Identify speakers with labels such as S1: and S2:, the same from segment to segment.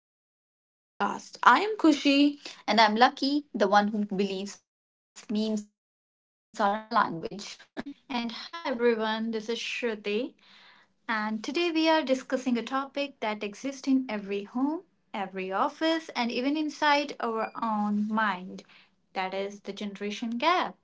S1: everyone, welcome to today's office podcast. I am Kushi. And I'm Lucky, the one who believes memes are a language. And hi everyone, this is Shruti, and today we are doing a topic that exists in every home, every office, and even inside our own mind. That is the generation gap.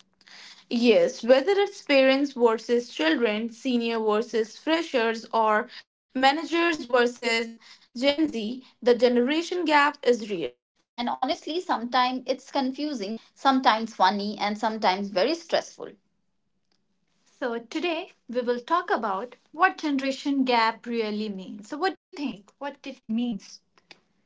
S1: Yes, whether it's parents versus children, senior versus freshers, or managers versus Gen Z, the generation gap is real. And honestly, sometimes it's confusing, sometimes funny, and sometimes very stressful. So, today we will talk about what generation gap really means. So, what do you think? What it means?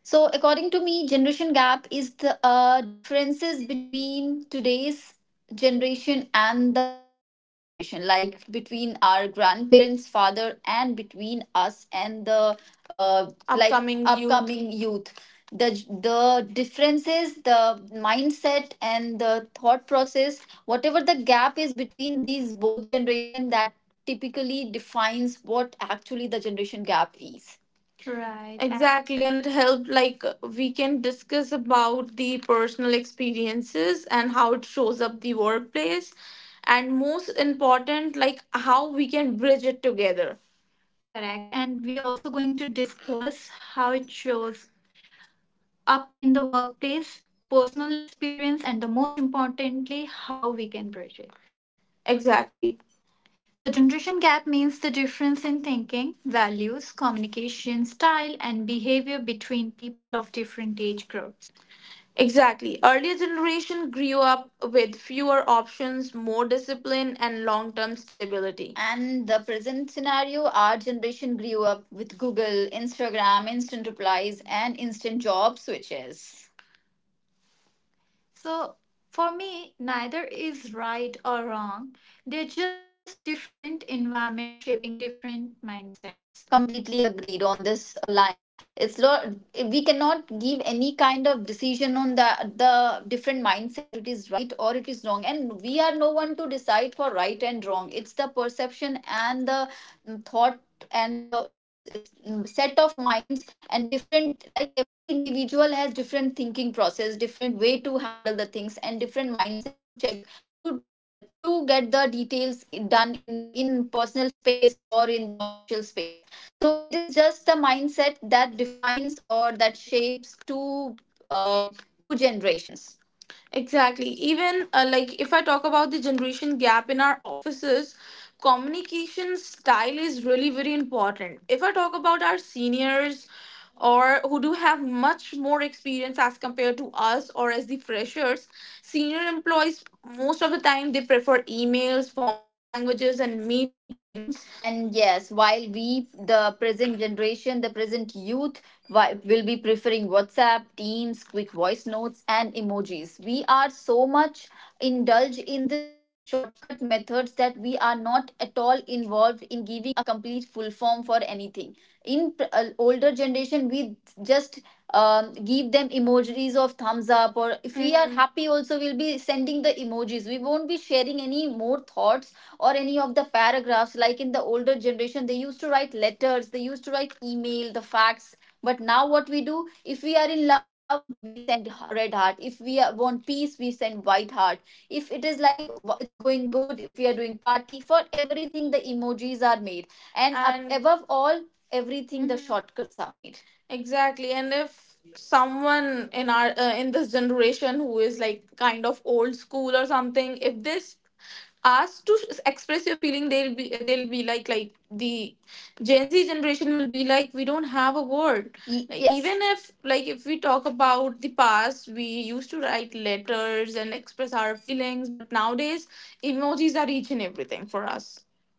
S1: So, according to me, generation gap is the differences between today's generation and the older generation, like between our grandparents, father, and between us and the like upcoming youth. The the differences, the mindset, and the thought process, whatever the gap is between these both generation, that typically defines what actually the generation gap is. Right. Exactly, and it helped like we can discuss about the personal experiences and how it shows up the workplace and most important like how we can bridge it together. Correct. And we also going to discuss how it shows up in the workplace, personal experience, and the most importantly, how we can bridge it. Exactly. So, generation gap means the difference in thinking, values, communication style, and behavior between people of different age groups. Exactly. Earlier generation grew up with fewer options, more discipline and long-term stability. And the present scenario, our generation grew up with Google, Instagram, instant replies, and instant job switches. So for me, neither is right or wrong. They're just different environments shaping different mindsets. Completely agreed on this line. It's not we cannot give any kind of decision on the different mindset that it is right or it is wrong, and we are no one to decide for right and wrong. It's the perception and the thought and the set of minds, and different like every individual has different thinking process, different way to handle the things, and different mindset to check to uh, to get the details done in the in personal space or in the official space. So it is just the mindset that defines or that shapes two generations. Exactly. Even like if I talk about the generation gap in our offices, communication style is really very important. If I talk about our seniors or who do have much more experience as compared to us or as the freshers, senior employees most of the time they prefer emails, formal languages and meetings. And yes, while we, the present generation, the present youth, will be preferring WhatsApp, Teams, quick voice notes, and emojis. We are so much indulged in these shortcut methods that we are not at all involved in giving a complete full form for anything. In older generation we just give them emojis of thumbs up, or if we are Mhm. happy also we'll be sending the emojis. We won't be sharing any more thoughts or any of the paragraphs. Like in the older generation they used to write letters, they used to write email the facts, but now what we do, if we are in love we send red heart, if we want peace we send white heart, if it is like it's going good, if we are doing party, for everything the emojis are made, and, And above all everything the Mhm. shortcuts are made. Exactly, and if someone in our in this generation who is like kind of old school or something, if this asked to express your feeling, they'll be like the Gen Z generation will be like we don't have a word. Like yes. Even if like if we talk about the past, we used to write letters and express our feelings, but nowadays emojis are each and everything for us.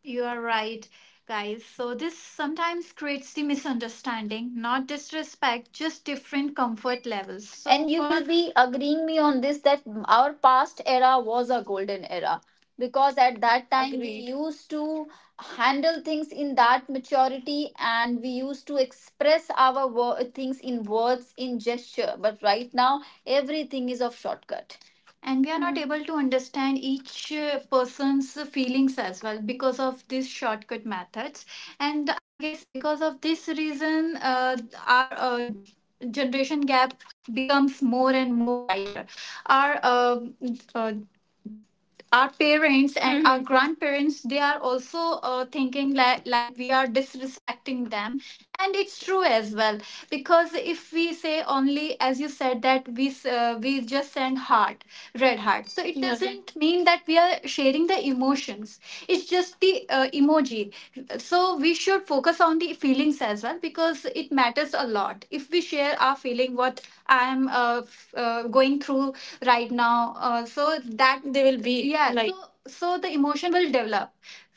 S1: You are right, guys. So, this sometimes creates the misunderstanding, not disrespect, just different comfort levels. So and you for will be agreeing me on this that our past era was a golden era, because at that time we agreed. Used to handle things in that maturity and we used to express our things in words, in gesture, but right now everything is of shortcut and we are not able to understand each person's feelings as well because of these shortcut methods. And I guess because of this reason our generation gap becomes more and more wider our uh, uh, our parents and our Mhm. grandparents, they are also thinking like we are disrespecting them, and it's true as well. Because if we say only as you said that we just send heart, red heart, so it Yeah. doesn't mean that we are sharing the emotions. It's just the emoji. So we should focus on the feelings as well, because it matters a lot if we share our feeling what I'm going through right now. So that they will be yeah, like so the emotion will develop.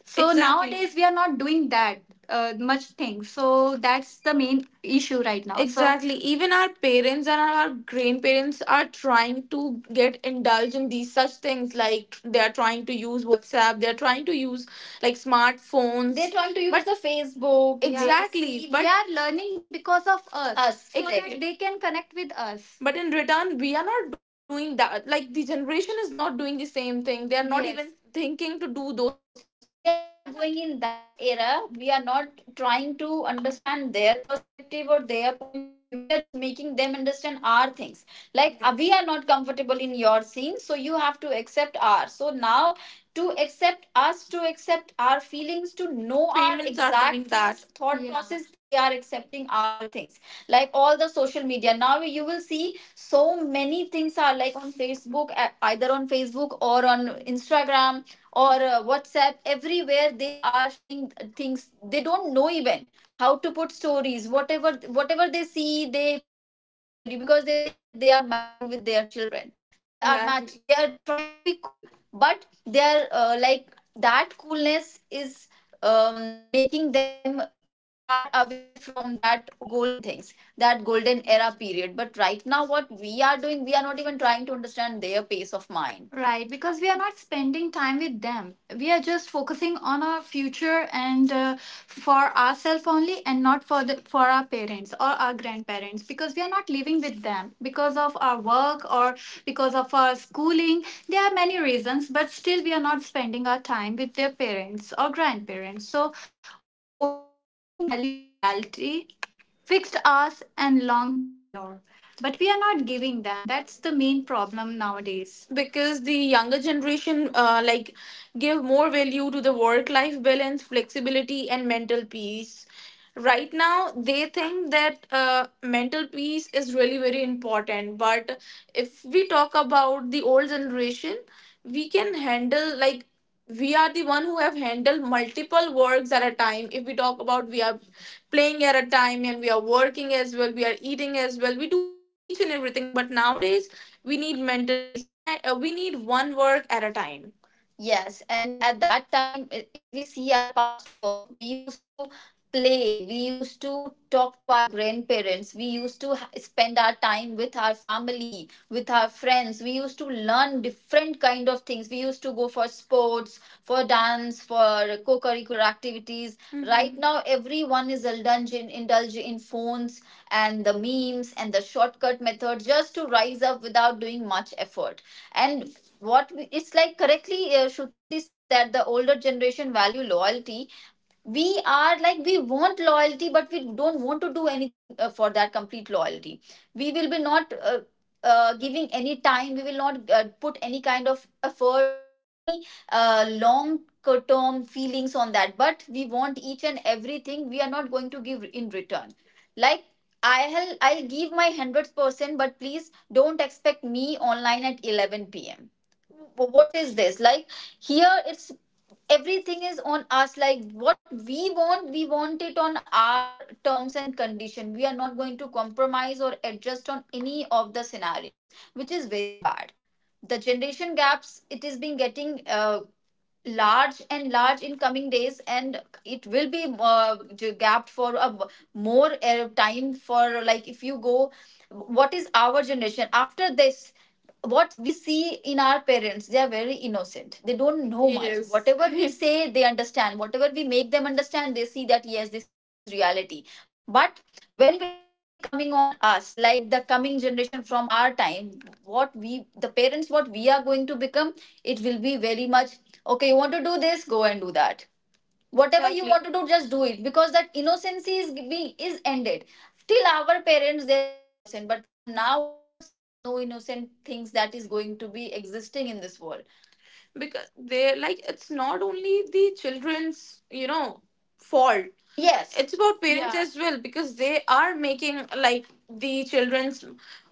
S1: So Exactly. nowadays we are not doing that much things. So that's the main issue right now. So Exactly. Even our parents and our grandparents are trying to get indulged in these such things. Like they are trying to use WhatsApp, they are trying to use like smartphones, they're trying to use but the Facebook. Yeah, exactly, see, they are learning because of us. Us, so exactly. that they can connect with us. But in return, we are not doing that. Like the generation is not doing the same thing. They are not Yes. even thinking to do those such things. We are not yeah. going in that era. We are not trying to understand their perspective or their point of view. We are just making them understand our things. Like we are not comfortable in your scene, so you have to accept ours. So now to accept us, to accept our feelings, to know Parents our parents are exact doing things, that. Thought Yeah. process. They are accepting our things. Like all the social media. Now you will see so many things are like on Facebook, e- either on Facebook or on Instagram or WhatsApp. Everywhere they are sharing things. They don't know even how to put stories, whatever they see they put it on story, because they think that they are matching with their children, they are trying to be cool. But they are like that coolness is making them far away from that golden things, that golden era period. But right now what we are doing, we are not even trying to understand their pace of mind. Right, because we are not spending time with them. We are just focusing on our future and for ourselves only, and not for the for our parents or our grandparents. Because we are not living with them because of our work or because of our schooling. There are many reasons, but still we are not spending our time with their parents or grandparents. So older generation value loyalty, fixed hours and long tenure, but we are not giving them. That's the main problem nowadays, because the younger generation like give more value to the work life balance, flexibility and mental peace. Right now they think that mental peace is really very important. But if we talk about the old generation, we can handle, like we are the one who have handled multiple works at a time. If we talk about, we are playing at a time and we are working as well, we are eating as well, we do each and everything, but nowadays we need mental peace, we need one work at a time. Yes, and at that time, if we see our past work, we used to play, we used to talk to our grandparents, we used to spend our time with our family, with our friends, we used to learn different kind of things. We used to go for sports, for dance, funds for co-curricular activities. Mm-hmm. Right now everyone is indulge in phones and the memes and the shortcut method just to rise up without doing much effort. And it's like correctly Shruti said that the older generation value loyalty. We are like we want loyalty but we don't want to do anything for that complete loyalty. We will be not giving any time, we will not put any kind of efforts or any long term feelings on that, but we want each and everything. We are not going to give in return, like I'll give my 100%, but please don't expect me online at 11 p.m. What is this? Like here it's everything is on us, like what we want, we want it on our terms and condition. We are not going to compromise or adjust on any of the scenarios, which is very bad. The generation gaps, it is been getting large and large in coming days and it will be gapped for a more time. For like if you go, what is our generation after this? What we see in our parents, they are very innocent, they don't know much. Yes. Whatever we say they understand, whatever we make them understand they see that yes, this is reality. But when it will be coming on us, like the coming generation from our time, what we, the parents what we are going to become, it will be very much okay, you want to do this, go and do that, whatever you Exactly. want to do, just do it. Because that innocence is being is ended till our parents. There was innocent, but from now onwards there is no innocent things that is going to be existing in this world. Because they, like it's not only the children's fault. Yes. It's about parents, yeah, as well, because they are making, like the children's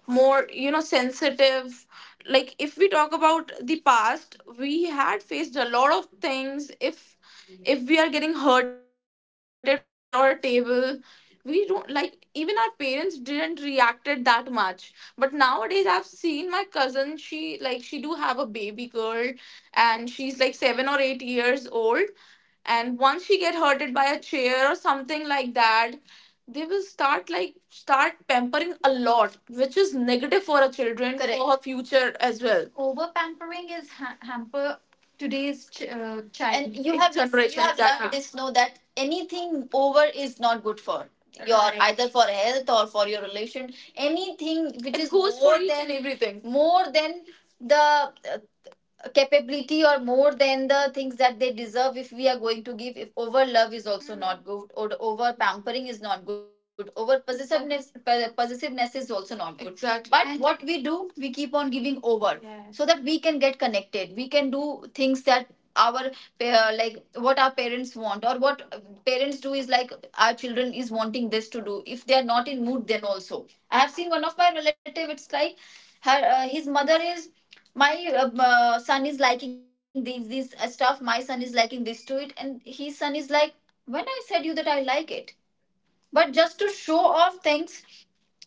S1: more sensitive. Like if we talk about the past, we had faced a lot of things. If we are getting hurted from a chair or a table, we don't like, even our parents didn't reacted that much. But nowadays I've seen my cousin, she do have a baby girl and she's like 7 or 8 years old, and once she get hurted by a chair or something like that, they will start pampering a lot, which is negative for her children, Correct. For her future as well. Over pampering is hamper today's child and you have this, you generation. Have learned yeah. this know that anything over is not good for your Right. either for health or for your relation, anything which It is goes for more each and than everything more than the uh, capability or more than the things that they deserve. If we are going to give, if over love is also mm. not good, or over pampering is not good, over possessiveness possessiveness is also not good, Exactly. but And- what we do, we keep on giving over Yes. so that we can get connected, we can do things that our like what our parents want, or what parents do is like our children is wanting this to do, if they are not in mood then also. I have seen one of my relative, it's like her his mother is my son is liking these stuff, my son is liking this to it, and his son is like, when I said you that I like it, but just to show off things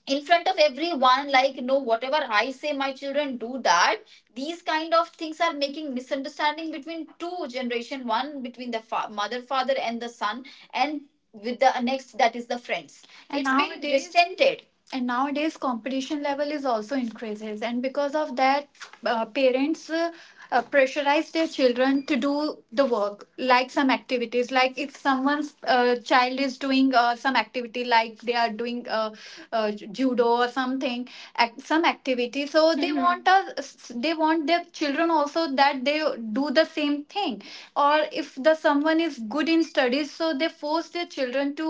S1: in front of everyone, like no, whatever I say my children do that. These kind of things are making misunderstanding between two generation, one between the mother father and the son, and with the next that is the friends. And it's been nowadays, resented and nowadays competition level is also increases, and because of that parents pressurize their children to do the work, like some activities. Like if someone's child is doing some activity, like they are doing judo or something some activity, so they Mhm. want us, they want their children also that they do the same thing. Or if the someone is good in studies, so they force their children to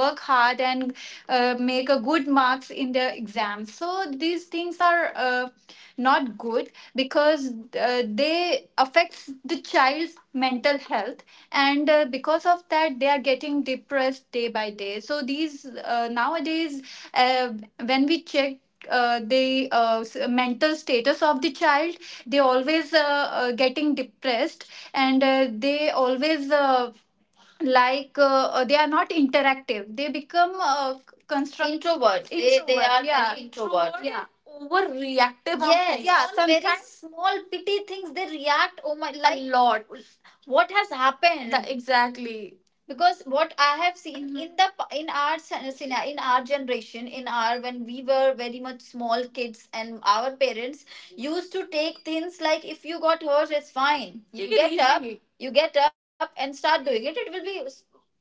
S1: work hard and make a good marks in their exam. So these things are not good because they affects the child's mental health, and because of that they are getting depressed day by day. So these nowadays uh, when we check the mental status of the child, they always getting depressed, and they always they are not interactive, they become constructive Introverts. They introvert are yeah very introvert. Introvert Yeah. and overreactive of Yes, things. Yeah on very sometimes small petty things they react. Oh my, like a like lot what has Tha- happened? The- exactly because what I have seen Mhm. In our generation in our when we were very much small kids, and our parents used to take things like if you got hurt it's fine, you Take it get up easy. You get up and start doing it, it will be,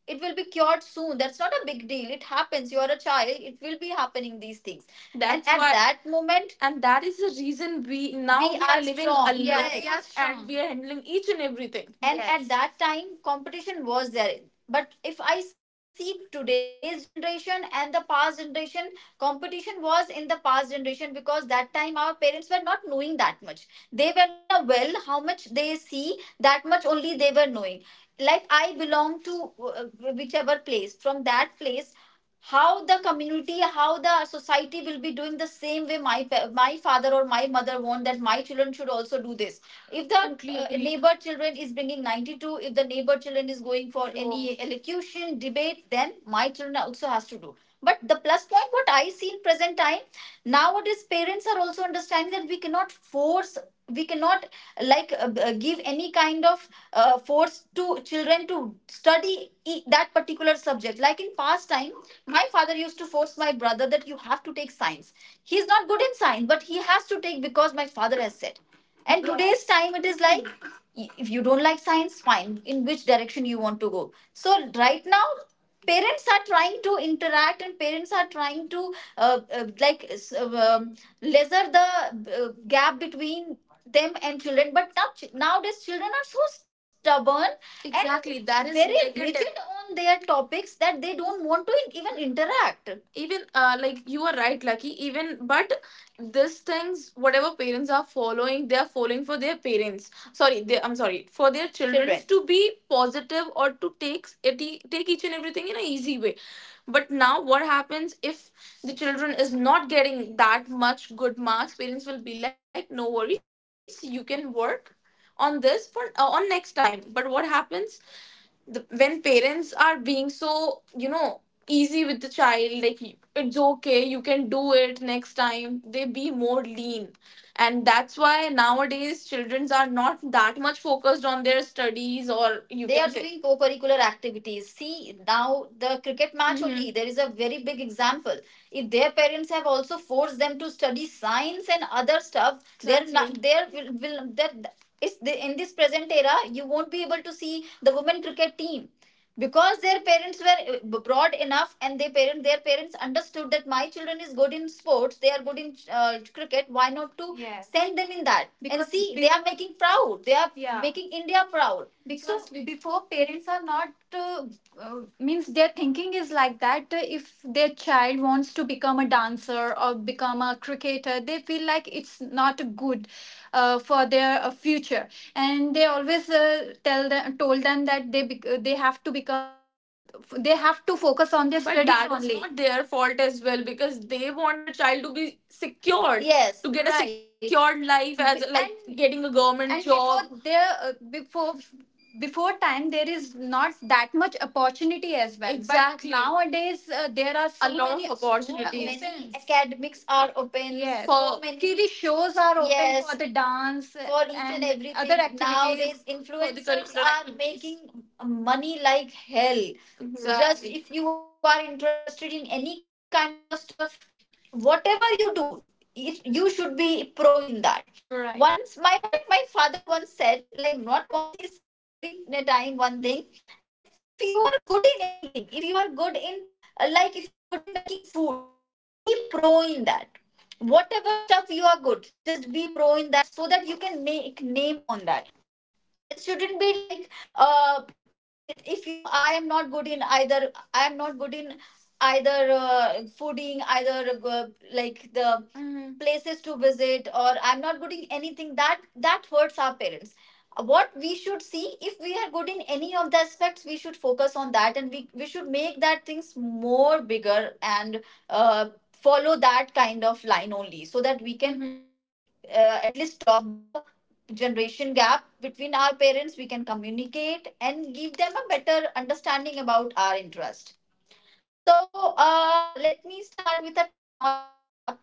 S1: it will be cured soon, that's not a big deal, it happens, you are a child, it will be happening these things, that's and at why, that moment and that is the reason we now we are living strong. Alone Yeah, we are and strong. We are handling each and everything and Yes. at Yes. that time competition was there, but if I see today's generation and the past generation, competition was in the past generation, because that time our parents were not knowing that much, they were like Mhm. In a well, how much they see, that much only they were knowing. Like I belong to uh, whichever place, from that place how the community, how the society will be doing, the same way my father or my mother want that my children should also do this. If the Totally neighbor children is bringing 92, if the neighbor children is going for any elocution debate, then my children also has to do. But the plus point what I see in present time, nowadays parents are also understanding that we cannot force, we cannot like give any kind of force to children to study that particular subject. Like in past time my father used to force my brother that you have to take science. He is not good in science, but he has to take because my father has said. And today's time, it is like, if you don't like science, fine, in which direction you want to go. So right now, parents are trying to interact and parents are trying to like lesser the gap between them and children. But nowadays children are so stubborn and exactly that is very rigid on their topics that they don't want to even interact, even like you are right lucky even, but these things whatever parents are following, they are following for their parents sorry I'm sorry, for their children Children. To be positive, or to take take each and everything in an easy way. But now what happens, if the children is not getting that much good marks, parents will be like no worries, you can work on this for on next time. But what happens, the when parents are being so easy with the child like it's okay you can do it next time, they be more lean, and that's why nowadays childrens are not that much focused on their studies or you they can are say doing co-curricular activities see now the cricket match Mhm. only Mhm. there is a very big example. If their parents have also forced them to study science and other stuff, they're exactly not Exactly. there will that it's the, in this present era you won't be able to see the women cricket team, because their parents were broad enough and their parent their parents understood that my children is good in sports, they are good in cricket, why not to Yes. send them in that Because and see be- they are making proud, they are Yeah. making India proud. Because so, before parents are not means their thinking is like that if their child wants to become a dancer or become a cricketer, they feel like it's not good for their future, and they always tell them told them that they they have to become a they have to focus on their But studies that is only not their fault as well, because they want their child to be secured. Yes To get a right secured life as like, and getting a government and before job. Before their before before time there is not that much opportunity as well Exactly. but nowadays there are so A lot many of opportunities. So many academics are open. Yes. So For- many TV shows are open Yes. for the dance, for each and everything. Other activities. Nowadays, influencers are making money like hell. Exactly. Just Exactly. if you are interested in any kind of stuff, whatever you do you should be pro in that Right. once my like my father once said, like not once, he's saying every time one thing, that if you are good in anything, if you are good in like if you are good in making food, be pro in that, whatever stuff you are good, just be pro in that, so that you can make name on that. It shouldn't be like uh if you I am not good in either, I am not good in either fooding, either uh, like the Mhm. places to visit, or I'm not good in anything, that that hurts our parents. What we should see, if we are good in any of the aspects, we should focus on that, and we should make that things more bigger, and uh, follow that kind of line only, so that we can Mhm. At least stop the generation gap between our parents, we can communicate and give them a better understanding about our interest. So let me start with a technology gap.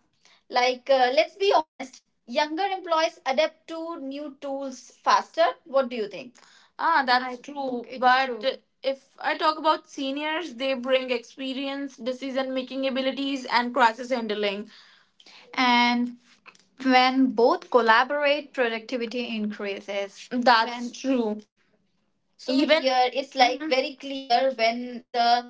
S1: Like let's be honest, younger employees adapt to new tools faster, what do you think? Ah, that's think true. It's But true. If I talk about seniors, they bring experience, decision making abilities, and crisis handling. And when both collaborate, productivity increases. That's When true. So Even here it's like Mhm. very clear, when the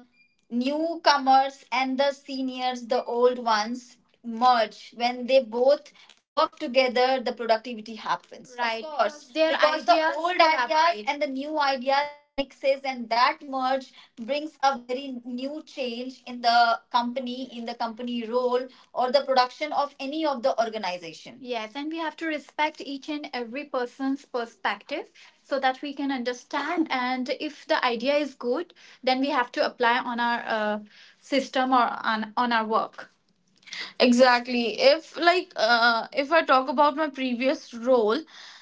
S1: newcomers and the seniors, the old ones, merge. When they both work together, the productivity happens. Of right, Of course. Because their Because the ideas the old ideas collaborate. And the new ideas mixes, and that merge brings a very new change in the company role
S2: Have to respect each and every person's perspective, so that we can understand, and if the idea is good then we have to apply on our system or on our work. Exactly. If I talk about my previous role,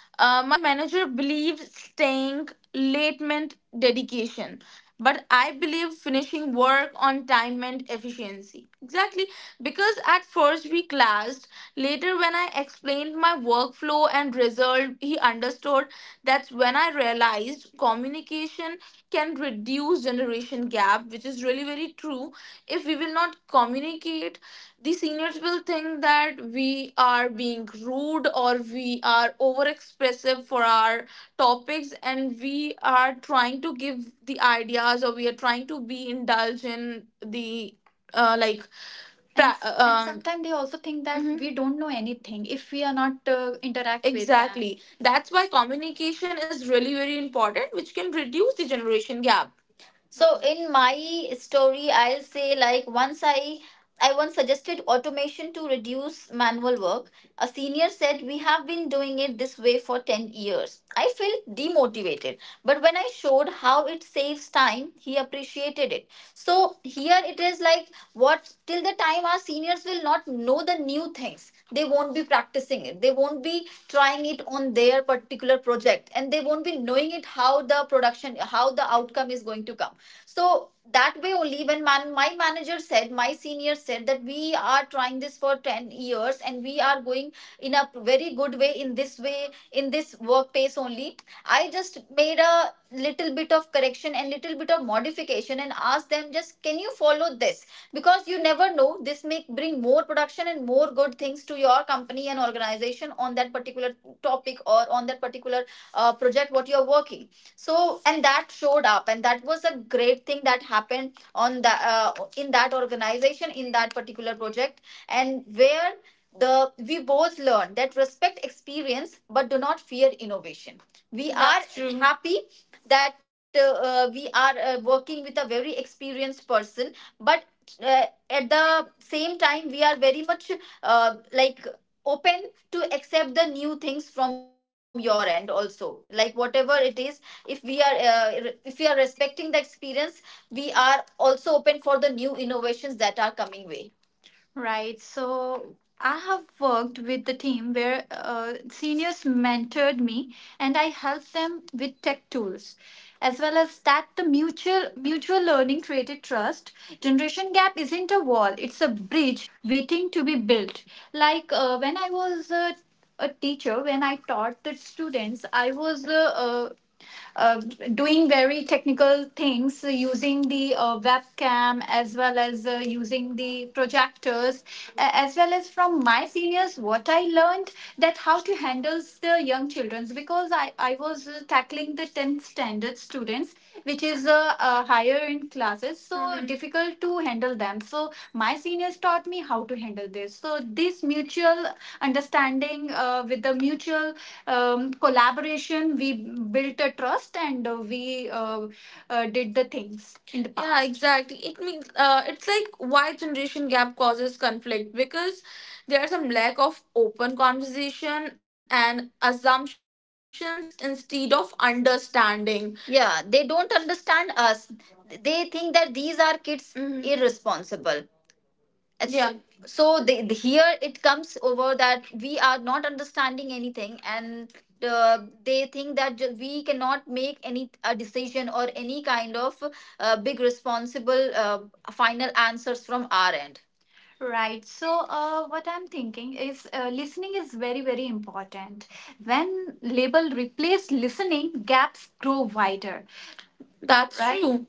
S2: my manager believed staying late meant dedication, but I believe finishing work on time meant efficiency. Exactly, because at first we clashed. Later, when I explained my workflow and result, he understood. That's when I realized communication can reduce generation gap, which is really very true. If we will not communicate, the seniors will think that we are being rude, or we are over expressive for our topics, and we are trying to give the ideas, or we are trying to be indulged in the like that. And sometimes they also think that we don't know anything if we are not interact with them. Exactly. That's why communication is really very important, which can reduce the generation gap. So in my story, I'll say like once I once suggested automation to reduce manual work. A senior said we have been doing it this way for 10 years. I felt demotivated. But when I showed how it saves time, he appreciated it. So here it is, like what till the time our seniors will not know the new things, they won't be practicing it. They won't be trying it on their particular project, and they won't be knowing it, how the production, how the outcome is going to come. So that way only, when my manager said, my senior said that we are trying this for 10 years and we are going in a very good way, in this way, in this workplace only, I just made a little bit of correction and little bit of modification and asked them, just can you follow this, because you never know, this may bring more production and more good things to your company and organization on that particular topic, or on that particular project what you are working. So, and that showed up, and that was a great thing that happened on the in that organization, in that particular project, and where the we both learn that respect experience, but do not fear innovation, we. That's are true. Happy that we are working with a very experienced person, but uh, at the same time we are very much like open to accept the new things from your end also, like whatever it is, if we are respecting the experience, we are also open for the new innovations that are coming way. Right. So I have worked with the team where seniors mentored me and I helped them with tech tools. As well as that, the mutual learning created trust. Generation gap isn't a wall; it's a bridge waiting to be built. When I was a teacher, when I taught the students, I was uh, doing very technical things using the webcam, as well as using the projectors, as well as from my seniors, what I learned, that how to handle the young children's, because I was tackling the 10th standard students, which is higher in classes, so difficult to handle them. So my seniors taught me how to handle all this. So this mutual understanding, with the mutual collaboration, we built a trust, and we did the things in the past. Yeah, exactly. It means it's like why generation gap causes conflict, because there's some lack of open conversation and assumptions instead of understanding. Yeah, they don't understand us. They think that these are kids, irresponsible, yeah. So here it comes over that we are not understanding anything, and uh, they think that we cannot make any a decision, or any kind of big responsible final answers from our end. Right. So, what I'm thinking is, listening is very, very important. When label replace listening, gaps grow wider. That's, right, true.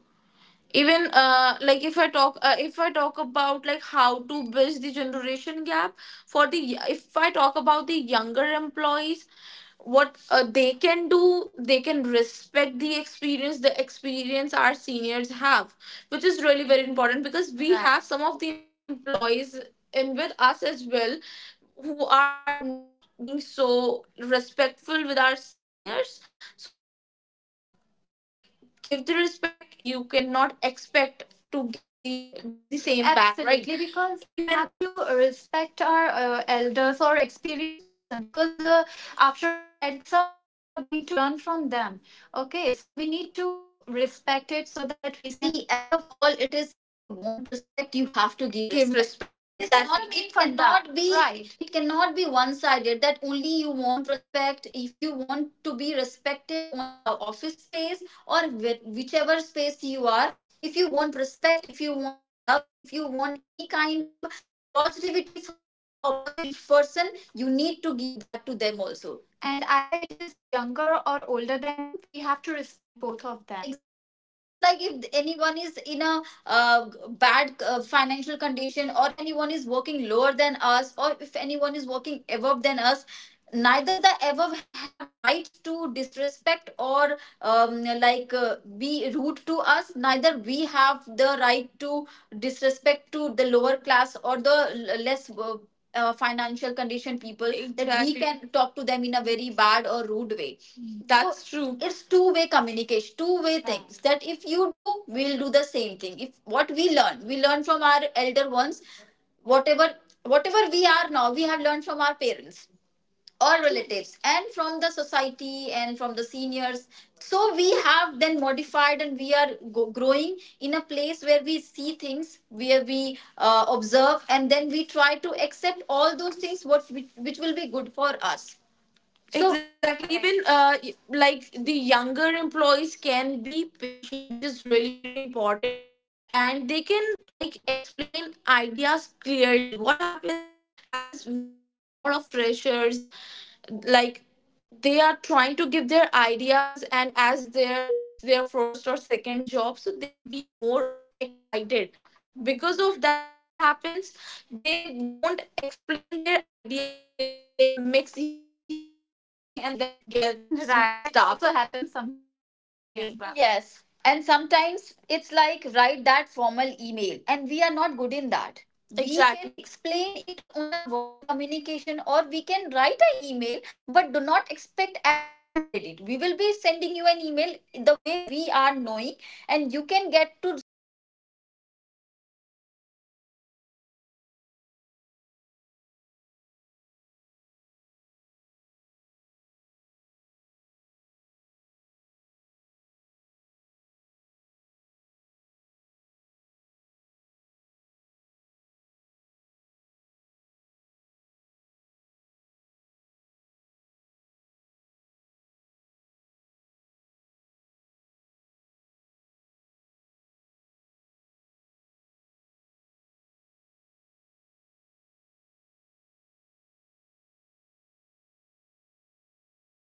S2: Even if I talk about, like how to bridge the generation gap for the, if I talk about the younger employees, what they can do, they can respect the experience, our seniors have, which is really very important, because we, right, have some of the employees in with us as well who are not being so respectful with our seniors. So if you're not like give the respect, you cannot expect to get the same back, right? Absolutely, because we even have to respect our elders or experienced person, because after all, at some time we are going to learn from them. Okay, so we need to respect it so that we can. See, above all, it is, if you want respect, you have to give. Give respect. Respect it, exactly. It cannot. Be. Right. It cannot be one-sided, that only you want respect. If you want to be respected on our office space, or whichever space you are, if you want respect, if you want love, if you want any kind of a positivity from the opposite person, you need to give that to them also. And either it is younger or older than you, we have to respect both of them. Exactly. It's not like, if anyone is in a bad financial condition, or if anyone is working lower than us, or if anyone is working above than us, neither the above have rights to disrespect, or be rude to us, neither we have the right to disrespect to the lower class, or the less financial condition people, that we, exactly, can talk to them in a very bad or rude way. That's so true. It's two-way communication, two-way things. That if you do, we'll do the same thing. If what we learn, we learn from our elder ones. Whatever whatever we are now, we have learned from our parents, all relatives, and from the society, and from the seniors. So we have then modified, and we are growing in a place where we see things, where we observe, and then we try to accept all those things what which will be good for us, so. Exactly. Even like, the younger employees can be patient, which is really very important, and they can, like, explain ideas clearly. What happens, as we have seen a lot of freshers, like they are trying to give their ideas, and as their, it's their first or second job, so they be more excited. Because of that, what happens, they don't explain their ideas clearly, they mix each and everything, and that gets, right, messed it up. Also happens sometimes with me, exactly, as well. Yes. And sometimes it's like write that formal email, and we are not good in that. Exactly. We can, exactly, explain it on a verbal communication, or we can write an email, but do not expect, as you wanted it, we will be sending you an email the way we are knowing. And you can get to see the, so that something new has come up, you cannot expect the same ditto copy thing from your end, so. For, and for senior employees, it should be open to new ideas. Like we have to open with them, so that we also get the idea, and so that we can work in a right way, and it should be a productive work. Exactly, like we can be very open with the newcomer or the new employees, make them really very comfortable, so they can give their ideas, like the new openly ideas, right,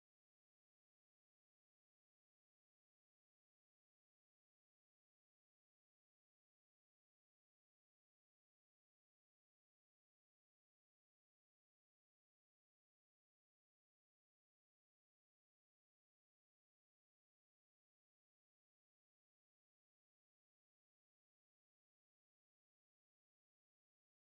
S2: they have, and they can give their ideas very clearly, because they will be, yeah, feeling comfort zone with you. Without you. Hesitation, yeah, because exactly, for the newcomers, they always hesitate. So first we have to make them comfortable, easy, comfortable in that way, that they cannot, can they, do not stop them themselves, they are not like uh, we are stopping them to make any